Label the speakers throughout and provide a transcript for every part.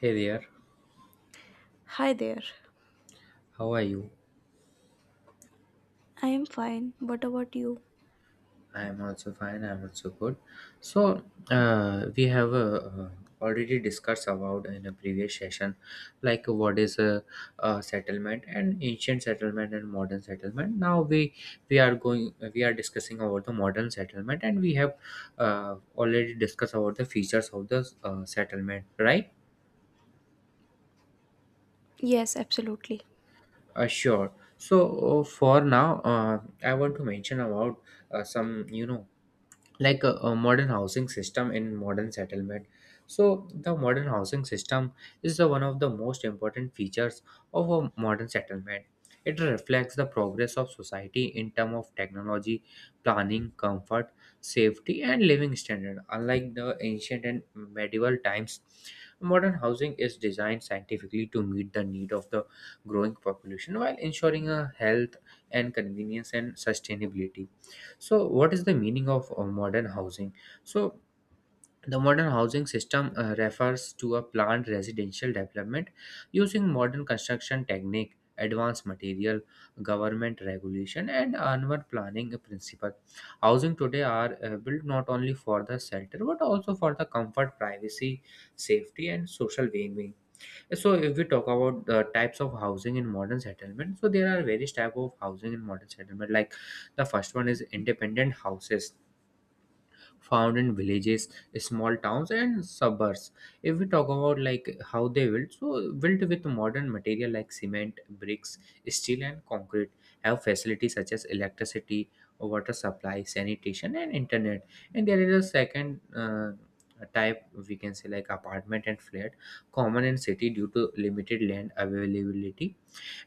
Speaker 1: Hey there,
Speaker 2: Hi there.
Speaker 1: how are you?
Speaker 2: I am fine. What about you?
Speaker 1: I am also fine. I am also good. So we have Already discussed about in a previous session, like what is a settlement and ancient settlement and modern settlement. Now we are going we are discussing about the modern settlement, and we have already discussed about the features of the settlement, right?
Speaker 2: Yes, absolutely.
Speaker 1: Sure. So for now, I want to mention about some you know like a modern housing system in modern settlement. So the modern housing system is the one of the most important features of a modern settlement. It reflects the progress of society in terms of technology, planning, comfort, safety, and living standard. Unlike the ancient and medieval times, modern housing is designed scientifically to meet the need of the growing population while ensuring a health and convenience and sustainability. So, what is the meaning of modern housing? So, the modern housing system refers to a planned residential development using modern construction technique, advanced material, government regulation, and urban planning principle. Housing today are built not only for the shelter but also for the comfort, privacy, safety, and social well-being. So if we talk about the types of housing in modern settlement, so there are various type of housing in modern settlement. Like the first one is independent houses found in villages, small towns, and suburbs. If we talk about like how they built, so built with modern material like cement, bricks, steel, and concrete, have facilities such as electricity, water supply, sanitation, and internet. And there is a second. Type we can say like apartment and flat, common in city due to limited land availability,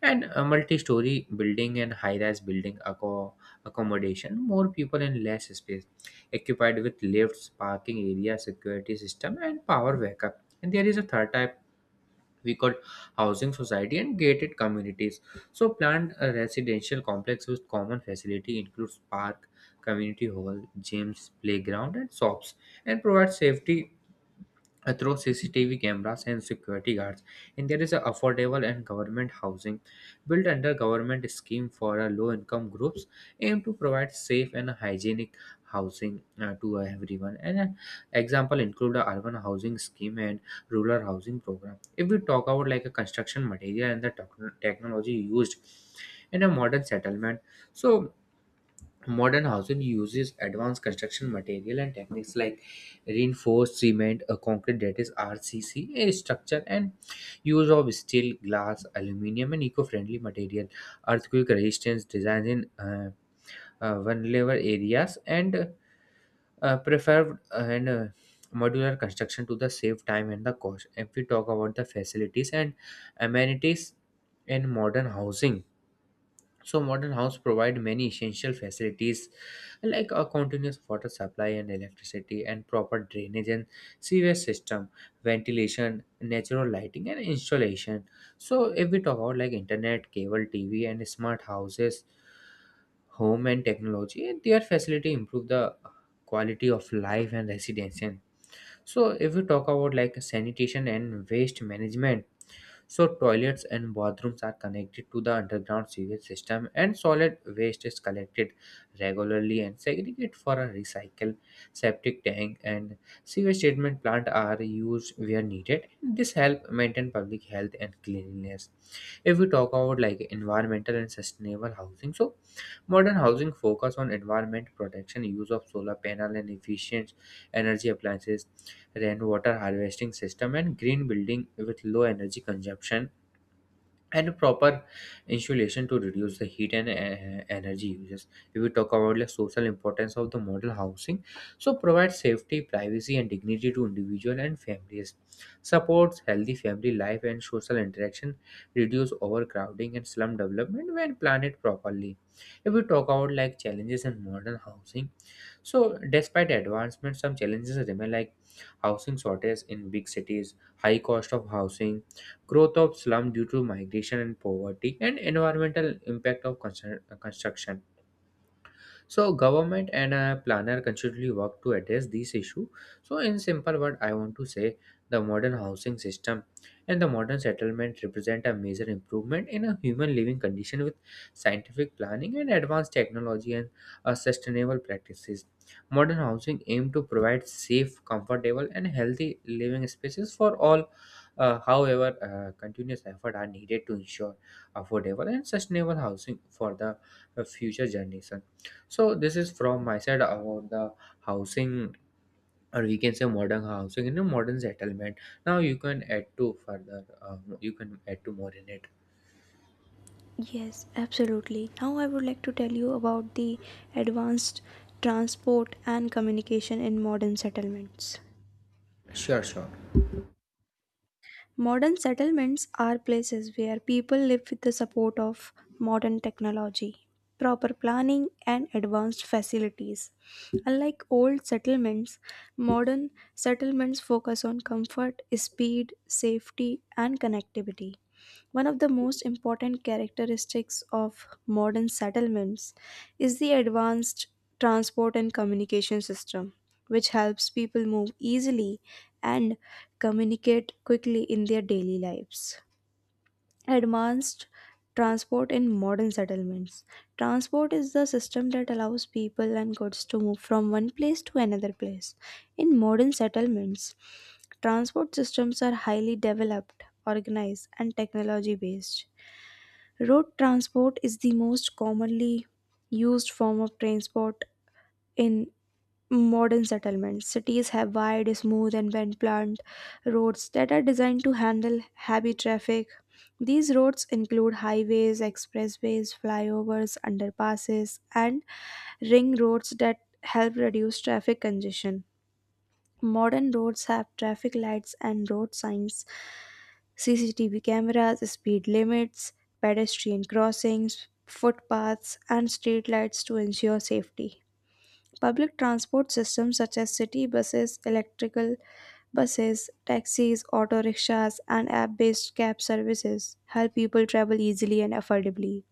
Speaker 1: and a multi-story building and high-rise building accommodation more people in less space, occupied with lifts, parking area, security system, and power backup. And there is a third type we call housing society and gated communities. So planned residential complex with common facility includes park, community hall, gyms, playground, and shops, and provides safety through CCTV cameras and security guards. And there is a affordable and government housing built under government scheme for low income groups, aimed to provide safe and hygienic housing to everyone. And example include a urban housing scheme and rural housing program. If we talk about like a construction material and the technology used in a modern settlement, so modern housing uses advanced construction material and techniques like reinforced cement, a concrete that is RCC, structure, and use of steel, glass, aluminium, and eco-friendly material, earthquake resistance designs in vulnerable areas, and preferred and modular construction to the save time and the cost. If we talk about the facilities and amenities in modern housing, so modern houses provide many essential facilities like a continuous water supply and electricity and proper drainage and sewage system, ventilation, natural lighting, and installation. So if we talk about like internet, cable, TV, and smart houses, home and technology, and their facility improve the quality of life and residence. So if we talk about like sanitation and waste management, so toilets and bathrooms are connected to the underground sewage system, and solid waste is collected regularly and segregated for a recycle. Septic tank and sewage treatment plant are used where needed. This help maintain public health and cleanliness. If we talk about like environmental and sustainable housing, so modern housing focus on environment protection, use of solar panel and efficient energy appliances, rainwater harvesting system, and green building with low energy consumption and proper insulation to reduce the heat and energy uses. If we talk about the social importance of the model housing, so provide safety, privacy, and dignity to individual and families, supports healthy family life and social interaction, reduce overcrowding and slum development when planned properly. If we talk about like challenges in modern housing, so despite advancement some challenges remain, like housing shortage in big cities, high cost of housing, growth of slum due to migration and poverty, and environmental impact of construction. So government and a planner constantly work to address this issue. So in simple word, I want to say the modern housing system and the modern settlement represent a major improvement in a human living condition with scientific planning and advanced technology and sustainable practices. Modern housing aim to provide safe, comfortable, and healthy living spaces for all. However, continuous effort are needed to ensure affordable and sustainable housing for the future generation. So this is from my side about the housing, or we can say modern housing in a modern settlement. Now you can add to further. You can add to more in it.
Speaker 2: Yes, absolutely. Now I would like to tell you about the advanced transport and communication in modern settlements.
Speaker 1: Sure, sure.
Speaker 2: Modern settlements are places where people live with the support of modern technology, proper planning, and advanced facilities. Unlike old settlements, modern settlements focus on comfort, speed, safety, and connectivity. One of the most important characteristics of modern settlements is the advanced transport and communication system, which helps people move easily and communicate quickly in their daily lives. Advanced transport in modern settlements. Transport is the system that allows people and goods to move from one place to another place. In modern settlements, transport systems are highly developed, organized, and technology based. Road transport is the most commonly used form of transport in modern settlements. Cities have wide, smooth, and well planned roads that are designed to handle heavy traffic. These roads include highways, expressways, flyovers, underpasses, and ring roads that help reduce traffic congestion. Modern roads have traffic lights and road signs, CCTV cameras, speed limits, pedestrian crossings, footpaths, and street lights to ensure safety. Public transport systems such as city buses, electrical buses, taxis, auto rickshaws, and app based cab services help people travel easily and affordably.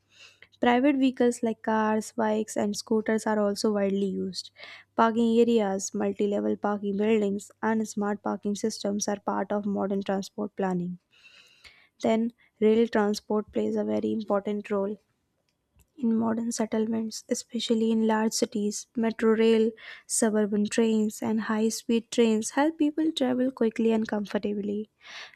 Speaker 2: Private vehicles like cars, bikes, and scooters are also widely used. Parking areas, multi level parking buildings, and smart parking systems are part of modern transport planning. Then, rail transport plays a very important role in modern settlements, especially in large cities, metro rail, suburban trains, and high speed trains help people travel quickly and comfortably.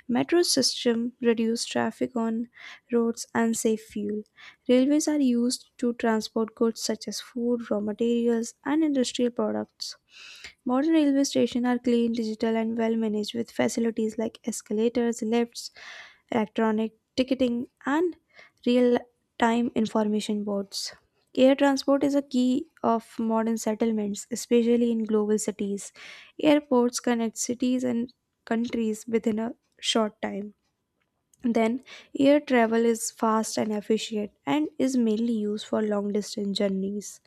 Speaker 2: Metro system reduce traffic on roads and save fuel. Railways are used to transport goods such as food, raw materials, and industrial products. Modern railway stations are clean, digital, and well managed with facilities like escalators, lifts, electronic ticketing, and real time information boards. Air transport is a key of modern settlements, especially in global cities. Airports connect cities and countries within a short time. Then, air travel is fast and efficient and is mainly used for long distance journeys.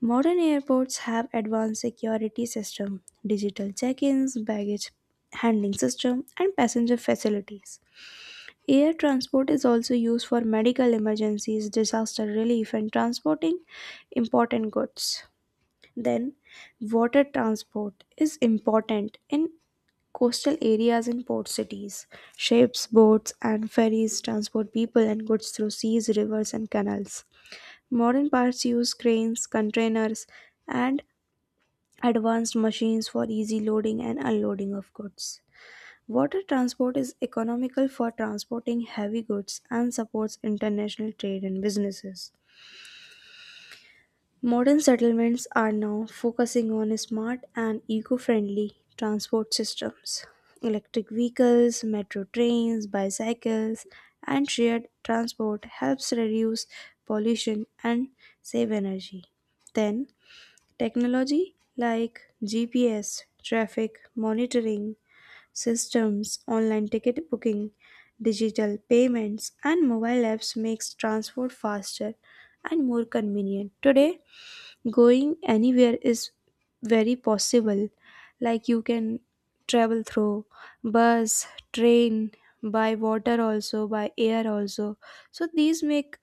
Speaker 2: Modern airports have advanced security system, digital check-ins, baggage handling system, and passenger facilities. Air transport is also used for medical emergencies, disaster relief, and transporting important goods. Then, water transport is important in coastal areas and port cities. Ships, boats, and ferries transport people and goods through seas, rivers, and canals. Modern parts use cranes, containers, and advanced machines for easy loading and unloading of goods. Water transport is economical for transporting heavy goods and supports international trade and businesses. Modern settlements are now focusing on smart and eco friendly transport systems. Electric vehicles, metro trains, bicycles, and shared transport helps reduce pollution and save energy. Then, technology like GPS, traffic monitoring systems, online ticket booking, digital payments, and mobile apps makes transport faster and more convenient. Today, going anywhere is very possible. Like you can travel through bus, train, by water also, by air also. So these make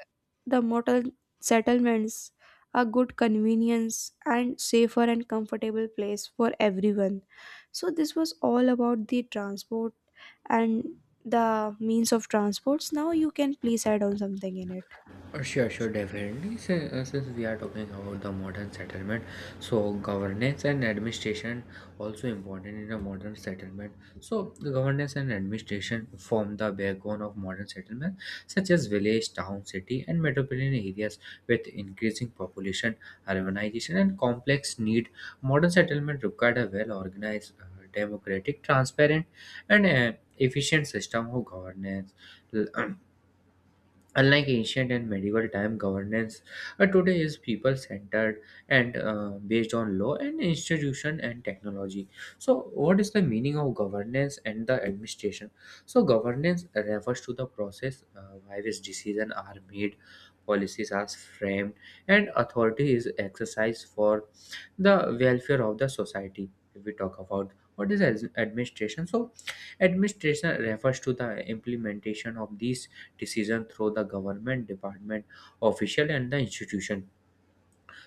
Speaker 2: the mortal settlements a good convenience and safer and comfortable place for everyone. So this was all about the transport and the means of transports. Now you can please add on something in it.
Speaker 1: Sure, sure, definitely. Since we are talking about the modern settlement, so governance and administration also important in a modern settlement. So the governance and administration form the backbone of modern settlement, such as village, town, city, and metropolitan areas. With increasing population, urbanization, and complex need, modern settlement required a well-organized, democratic, transparent, and efficient system of governance. L- Unlike ancient and medieval time governance, today is people centered and based on law and institution and technology. So, what is the meaning of governance and the administration? So, governance refers to the process by which decisions are made, policies are framed, and authority is exercised for the welfare of the society. If we talk about what is administration, so administration refers to the implementation of these decision through the government department, official, and the institution.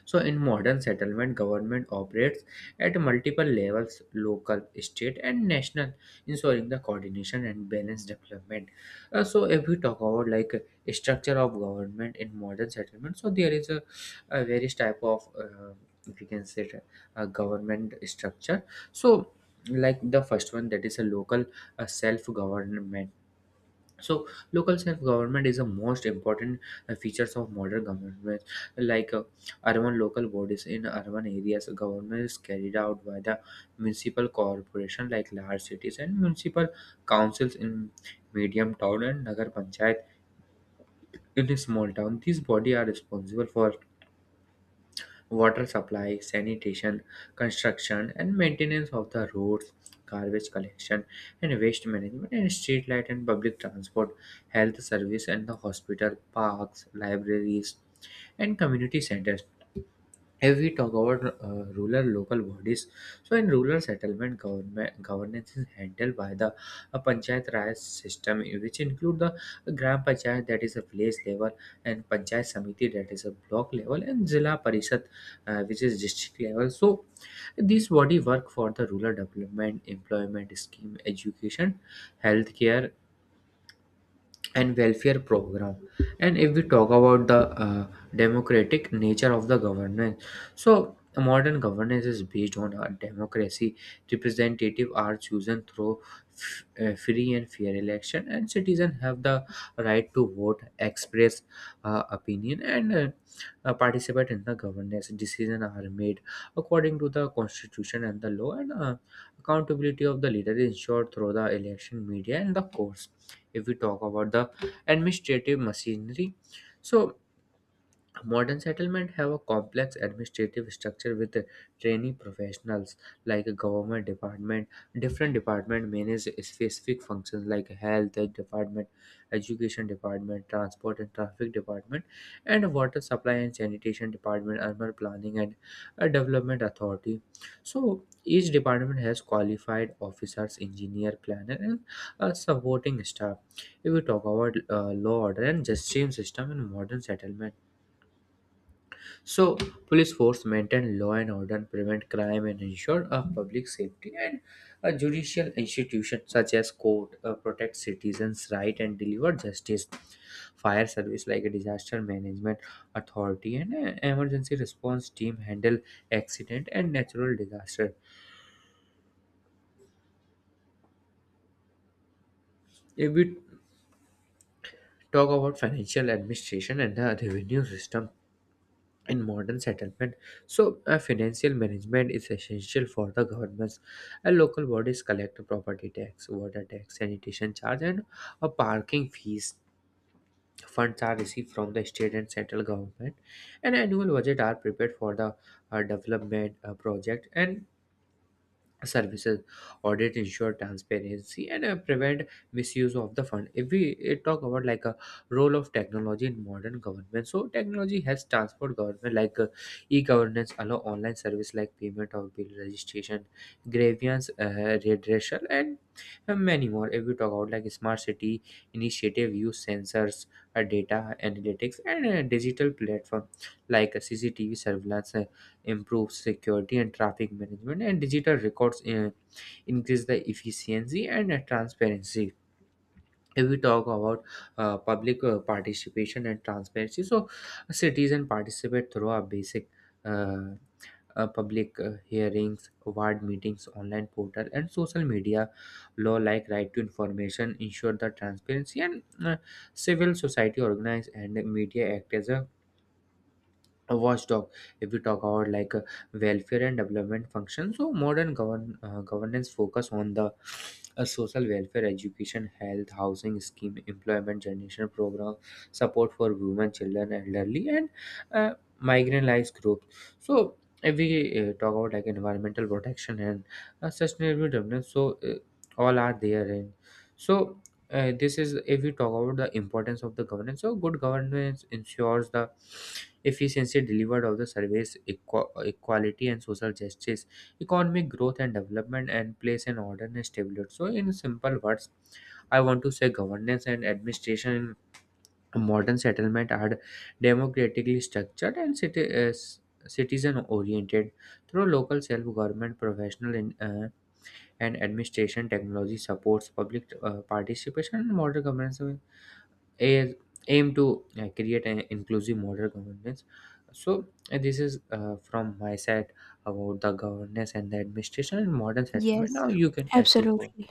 Speaker 1: So in modern settlement, government operates at multiple levels: local, state, and national, ensuring the coordination and balanced development. So if we talk about like a structure of government in modern settlement, so there is a various type of if you can say it, a government structure. So like the first one, that is a local self government. So local self-government is the most important features of modern government. Like urban local bodies: in urban areas, government is carried out by the municipal corporation like large cities, and municipal councils in medium town, and nagar panchayat in a small town. These body are responsible for water supply, sanitation, construction, and maintenance of the roads, garbage collection and waste management, and street light and public transport, health service, and the hospital, parks, libraries, and community centers. If we talk about rural local bodies, so in rural settlement government, governance is handled by the panchayat raj system, which include the gram panchayat, that is a village level, and panchayat samiti, that is a block level, and zilla parishad, which is district level. So these body work for the rural development, employment scheme, education, healthcare, and welfare program. And if we talk about the uh, democratic nature of the governance, so modern governance is based on a democracy. Representative are chosen through free and fair election, and citizens have the right to vote, express opinion, and participate in the governance. Decisions are made according to the constitution and the law, and accountability of the leader is ensured through the election, media, and the courts. If we talk about the administrative machinery, so modern settlements have a complex administrative structure with trainee professionals like a government department. Different departments manage specific functions like health department, education department, transport and traffic department, and water supply and sanitation department, urban planning and development authority. So each department has qualified officers, engineer, planner, and a supporting staff. If we talk about law order and justice system in modern settlement, so police force maintain law and order, prevent crime, and ensure public safety. And a judicial institution such as court protect citizens' right and deliver justice. Fire service like a disaster management authority, and emergency response team handle accident and natural disaster. If we talk about financial administration and the revenue system, in modern settlement, financial management is essential for the governments, and local bodies collect property tax, water tax, sanitation charge, and a parking fees. Funds are received from the state and central government, and annual budget are prepared for the development project and services. Audit ensure transparency and prevent misuse of the fund. If we talk about like a role of technology in modern government, so technology has transformed government. Like e-governance allow online service like payment of bill, registration, grievance redressal, and many more. If we talk about like smart city initiative, use sensors, data analytics, and digital platform like CCTV surveillance, improve security and traffic management, and digital records increase the efficiency and transparency. If we talk about public participation and transparency, so citizen participate through a basic uh, public hearings, ward meetings, online portal, and social media. Law like right to information ensure the transparency, and civil society organize and media act as a watchdog. If we talk about like welfare and development function, so modern governance focus on the social welfare, education, health, housing scheme, employment generation program, support for women, children, elderly, and uh, marginalized groups. So if we talk about like environmental protection and sustainable development, all are there. And so this is, if we talk about the importance of the governance, so good governance ensures the efficiency delivered of the service, equality and social justice, economic growth and development, and place and order and stability. So, in simple words, I want to say governance and administration in modern settlement are democratically structured and citizen oriented through local self government professional and administration. Technology supports public participation in modern governance. So, a- aim to create an inclusive model governance. So this is from my side about the governance and the administration and modern
Speaker 2: Yes,
Speaker 1: settlement. Now you can add to more.
Speaker 2: absolutely.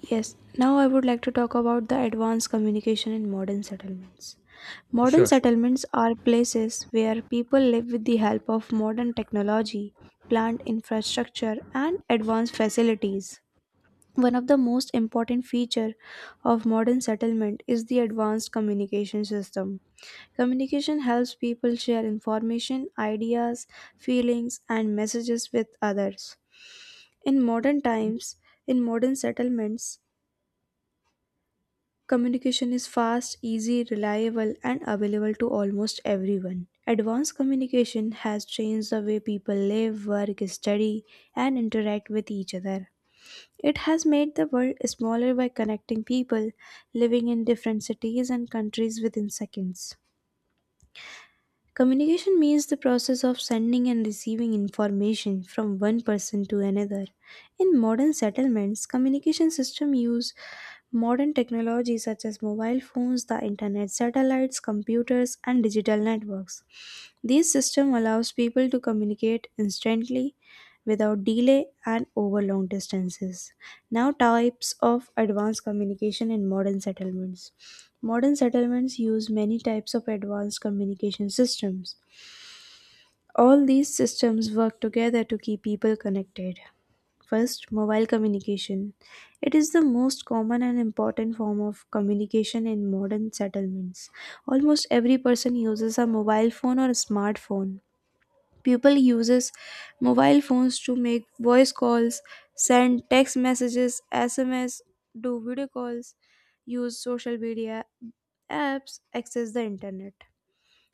Speaker 2: Yes, now I would like to talk about the advanced communication in modern settlements. Modern
Speaker 1: Sure, sure.
Speaker 2: settlements are places where people live with the help of modern technology, plant infrastructure, and advanced facilities. One of the most important feature of modern settlement is the advanced communication system. Communication helps people share information, ideas, feelings, and messages with others. In modern times, in modern settlements, communication is fast, easy, reliable, and available to almost everyone. Advanced communication has changed the way people live, work, study, and interact with each other. It has made the world smaller by connecting people living in different cities and countries within seconds. Communication means the process of sending and receiving information from one person to another. In modern settlements, communication system use modern technology such as mobile phones, the internet, satellites, computers and digital networks. This system allows people to communicate instantly without delay and over long distances. Now, types of advanced communication in modern settlements. Modern settlements use many types of advanced communication systems. All these systems work together to keep people connected. First, mobile communication. It is the most common and important form of communication in modern settlements. Almost every person uses a mobile phone or a smartphone. People uses mobile phones to make voice calls, send text messages, SMS, do video calls, use social media apps, access the internet.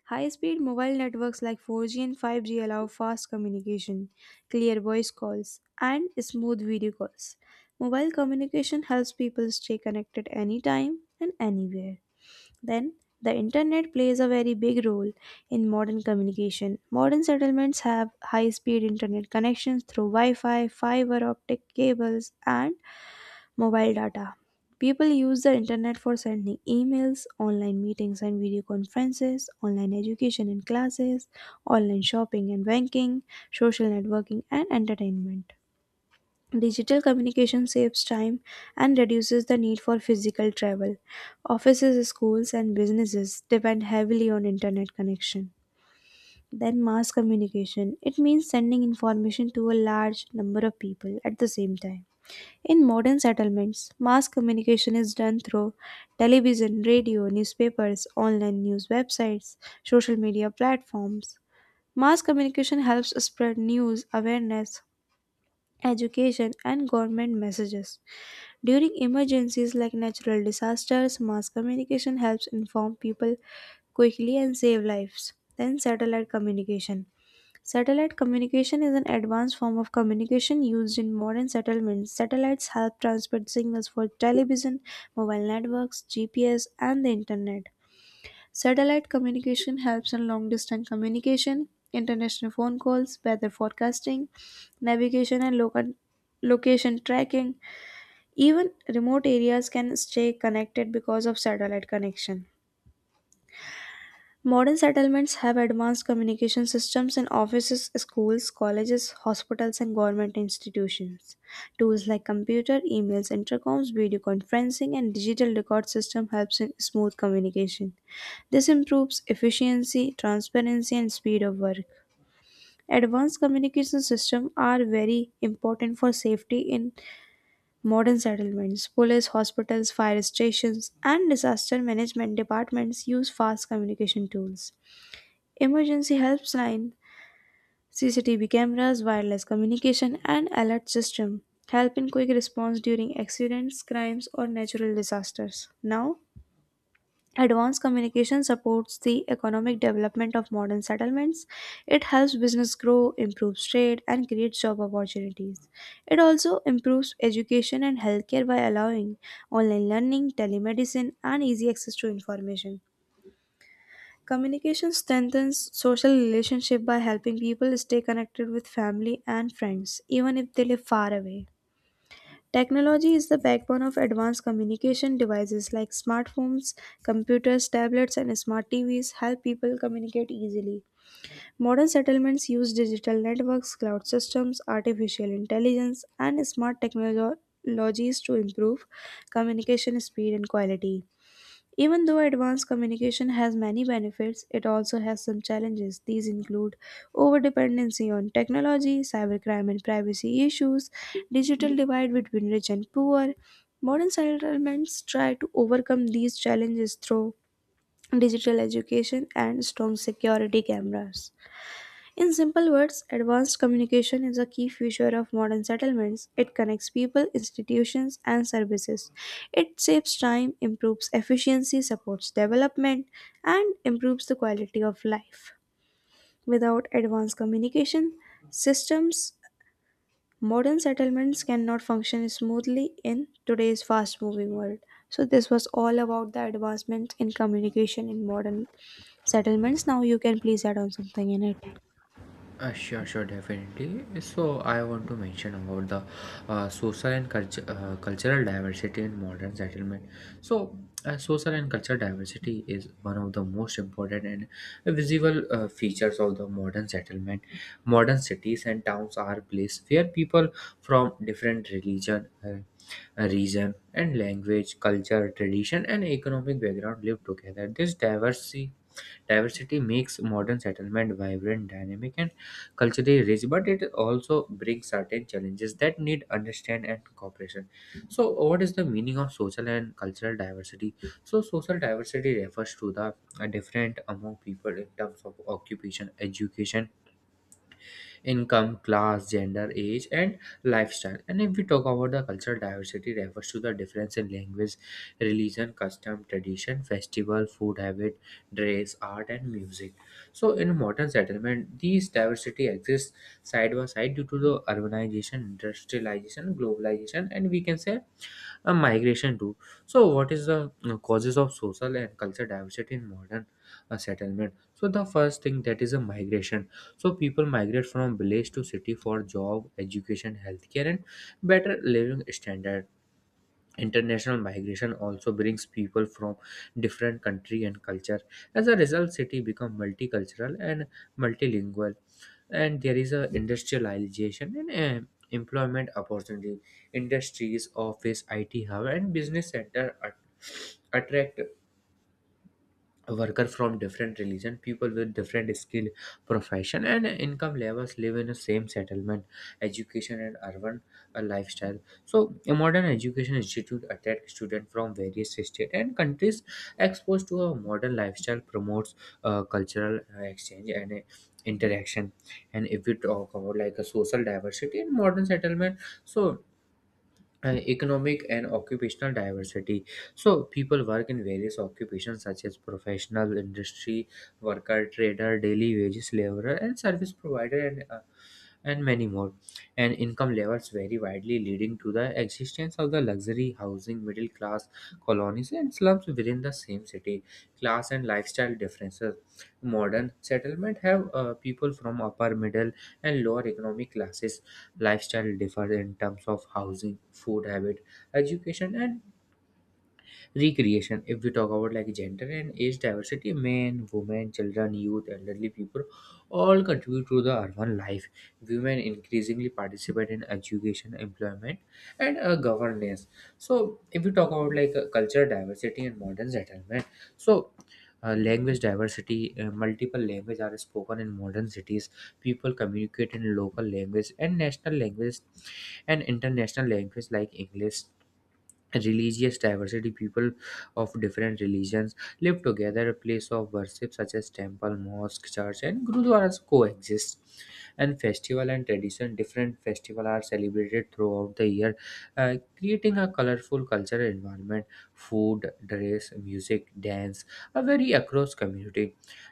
Speaker 2: High-speed mobile networks like 4G and 5G allow fast communication, clear voice calls, and smooth video calls. Mobile communication helps people stay connected anytime and anywhere. Then, the internet plays a very big role in modern communication. Modern settlements have high speed internet connections through Wi Fi, fiber optic cables, and mobile data. People use the internet for sending emails, online meetings and video conferences, online education and classes, online shopping and banking, social networking, and entertainment. Digital communication saves time and reduces the need for physical travel. Offices, schools, and businesses depend heavily on internet connection. Then, mass communication. It means sending information to a large number of people at the same time. In modern settlements, mass communication is done through television, radio, newspapers, online news websites, social media platforms. Mass communication helps spread news, awareness, education, and government messages. During emergencies like natural disasters, mass communication helps inform people quickly and save lives. Then, satellite communication. Satellite communication is an advanced form of communication used in modern settlements. Satellites help transmit signals for television, mobile networks, GPS, and the internet. Satellite communication helps in long distance communication, international phone calls, weather forecasting, navigation and local location tracking. Even remote areas can stay connected because of satellite connection. Modern settlements have advanced communication systems in offices, schools, colleges, hospitals, and government institutions. Tools like computer, emails, intercoms, video conferencing, and digital record system helps in smooth communication. This improves efficiency, transparency, and speed of work. Advanced communication systems are very important for safety in modern settlements, police, hospitals, fire stations, and disaster management departments use fast communication tools. Emergency helpline, CCTV cameras, wireless communication, and alert system help in quick response during accidents, crimes, or natural disasters. Now, advanced communication supports the economic development of modern settlements. It helps business grow, improves trade, and creates job opportunities. It also improves education and healthcare by allowing online learning, telemedicine, and easy access to information. Communication strengthens social relationship by helping people stay connected with family and friends, even if they live far away. Technology is the backbone of advanced communication devices like smartphones, computers, tablets, and smart TVs help people communicate easily. Modern settlements use digital networks, cloud systems, artificial intelligence, and smart technologies to improve communication speed and quality. Even though advanced communication has many benefits, it also has some challenges. These include overdependency on technology, cybercrime and privacy issues, digital divide between rich and poor. Modern settlements try to overcome these challenges through digital education and strong security cameras. In simple words, advanced communication is a key feature of modern settlements. It connects people, institutions, and services. It saves time, improves efficiency, supports development, and improves the quality of life. Without advanced communication systems, modern settlements cannot function smoothly in today's fast moving world. So, this was all about the advancement in communication in modern settlements. Now, you can please add on something in it.
Speaker 1: Sure, sure, definitely. So, I want to mention about the social and cultural diversity in modern settlement. So, social and cultural diversity is one of the most important and visible features of the modern settlement. Modern cities and towns are places where people from different religion, region, and language, culture, tradition, and economic background live together. This diversity Diversity makes modern settlement vibrant, dynamic, and culturally rich, but it also brings certain challenges that need understand and cooperation. So, what is the meaning of social and cultural diversity? So, social diversity refers to the different among people in terms of occupation, education, income, class, gender, age, and lifestyle. And if we talk about the cultural diversity, refers to the difference in language, religion, custom, tradition, festival, food habit, dress, art, and music. So, in a modern settlement, these diversity exists side by side due to the urbanization, industrialization, globalization, and we can say a migration too. So, what is the causes of social and cultural diversity in modern settlement? So, the first thing that is a migration. So, people migrate from village to city for job, education, healthcare, and better living standard. International migration also brings people from different country and culture. As a result, city become multicultural and multilingual. And there is a industrialization and employment opportunity. Industries, office, IT hub, and business center attract worker from different religion. People with different skill, profession, and income levels live in the same settlement. Education and urban lifestyle, so a modern education institute attract students from various states and countries, exposed to a modern lifestyle, promotes cultural exchange and interaction. And if we talk about like a social diversity in modern settlement, so economic and occupational diversity. So people work in various occupations such as professional, industry worker, trader, daily wages laborer, and service provider, and many more. And income levels vary widely, leading to the existence of the luxury housing, middle class colonies, and slums within the same city. Class and lifestyle differences, modern settlement have people from upper, middle, and lower economic classes. Lifestyle differ in terms of housing, food habit, education, and recreation. If we talk about like gender and age diversity, men, women, children, youth, elderly people, all contribute to the urban life. Women increasingly participate in education, employment, and governance. So if we talk about like cultural diversity and modern settlement, so language diversity, multiple languages are spoken in modern cities. People communicate in local language and national languages, and international language like English. Religious diversity, people of different religions live together. A place of worship such as temple, mosque, church, and gurudwaras coexist. And festival and tradition, different festival are celebrated throughout the year, creating a colorful cultural environment. Food, dress, music, dance are very across community.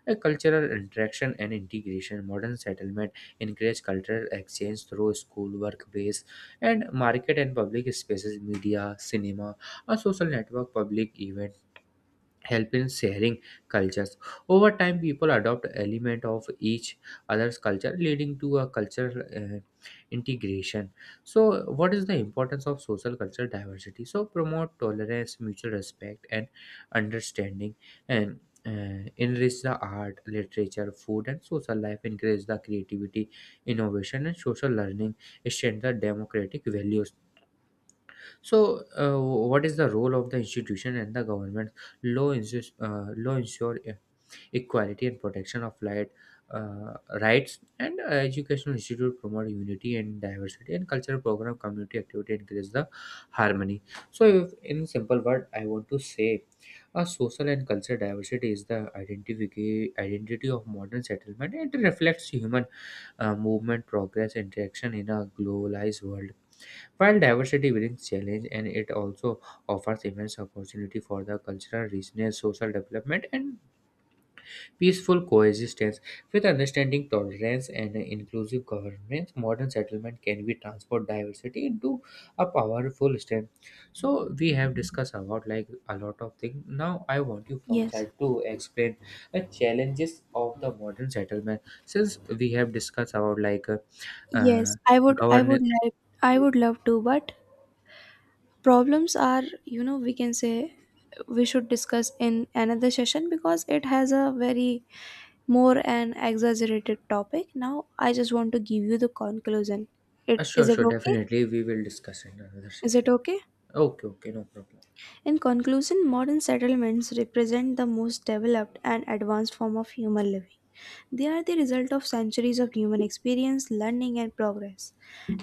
Speaker 1: A cultural interaction and integration, modern settlement encourage cultural exchange through school, workplace, and market, and public spaces. Media, cinema, a social network, public event help in sharing cultures. Over time, people adopt element of each other's culture, leading to a cultural integration. So what is the importance of social cultural diversity? So promote tolerance, mutual respect, and understanding, and enrich the art, literature, food, and social life, encourage the creativity, innovation, and social learning, strengthen the democratic values. So, what is the role of the institution and the government? Law ensure equality and protection of uh, rights, and educational institute promote unity and diversity, and cultural program, community activity increase the harmony. So, if, in simple word, I want to say, a social and cultural diversity is the identity of modern settlement. It reflects human movement, progress, interaction in a globalized world. While diversity brings challenge, and it also offers immense opportunity for the cultural richness, social development, and peaceful coexistence. With understanding, tolerance, and inclusive governance, modern settlement can be transform diversity into a powerful strength. So we have discussed about like a lot of things. Now I want you from
Speaker 2: Yes.
Speaker 1: side to explain the challenges of the modern settlement. Since we have discussed about
Speaker 2: Yes,
Speaker 1: uh, governance.
Speaker 2: I would love to, but problems are, you know, we can say we should discuss in another session because it has a very more an exaggerated topic. Now I just want to give you the conclusion. It is
Speaker 1: Sure,
Speaker 2: it
Speaker 1: sure,
Speaker 2: okay?
Speaker 1: definitely. We will discuss in another
Speaker 2: Is it
Speaker 1: session.
Speaker 2: okay?
Speaker 1: Okay, okay, no problem.
Speaker 2: In conclusion, modern settlements represent the most developed and advanced form of human living. They are the result of centuries of human experience, learning, and progress.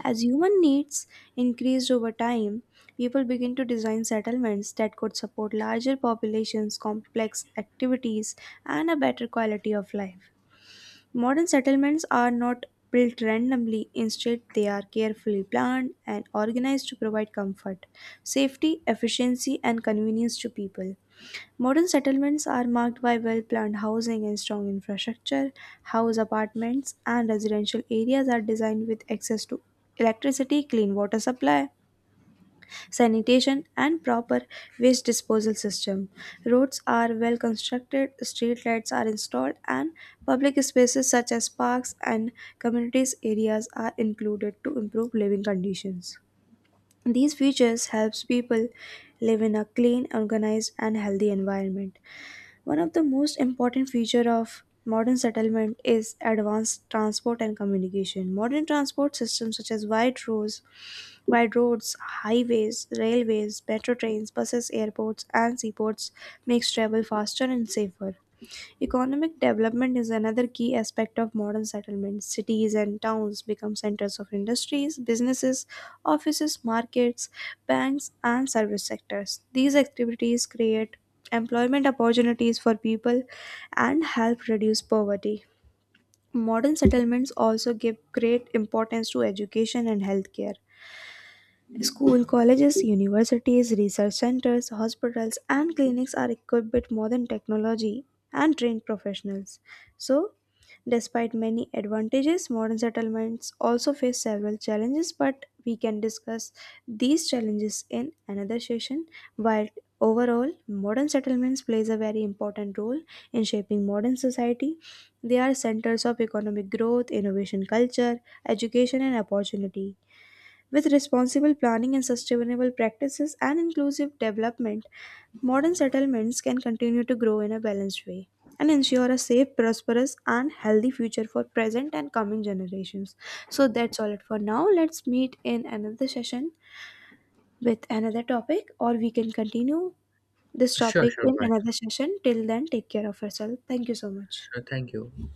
Speaker 2: As human needs increased over time, people begin to design settlements that could support larger populations, complex activities, and a better quality of life. Modern settlements are not built randomly, instead, they are carefully planned and organized to provide comfort, safety, efficiency, and convenience to people. Modern settlements are marked by well planned housing and strong infrastructure. House apartments and residential areas are designed with access to electricity, clean water supply, sanitation, and proper waste disposal system. Roads are well constructed, street lights are installed, and public spaces such as parks and communities areas are included to improve living conditions. These features helps people live in a clean, organized, and healthy environment. One of the most important feature of modern settlement is advanced transport and communication. Modern transport systems such as wide roads, highways, railways, metro trains, buses, airports, and seaports makes travel faster and safer. Economic development is another key aspect of modern settlements. Cities and towns become centers of industries, businesses, offices, markets, banks, and service sectors. These activities create employment opportunities for people and help reduce poverty. Modern settlements also give great importance to education and healthcare. School, colleges, universities, research centers, hospitals, and clinics are equipped with modern technology and trained professionals. So, despite many advantages, modern settlements also face several challenges, but we can discuss these challenges in another session. While overall, modern settlements plays a very important role in shaping modern society, they are centers of economic growth, innovation, culture, education, and opportunity. With responsible planning and sustainable practices and inclusive development, modern settlements can continue to grow in a balanced way and ensure a safe, prosperous, and healthy future for present and coming generations. So that's all it for now. Let's meet in another session with another topic, or we can continue this
Speaker 1: Sure,
Speaker 2: topic
Speaker 1: sure,
Speaker 2: in
Speaker 1: why
Speaker 2: another
Speaker 1: not?
Speaker 2: session. Till then, take care of yourself. Thank you so much.
Speaker 1: Sure, thank you.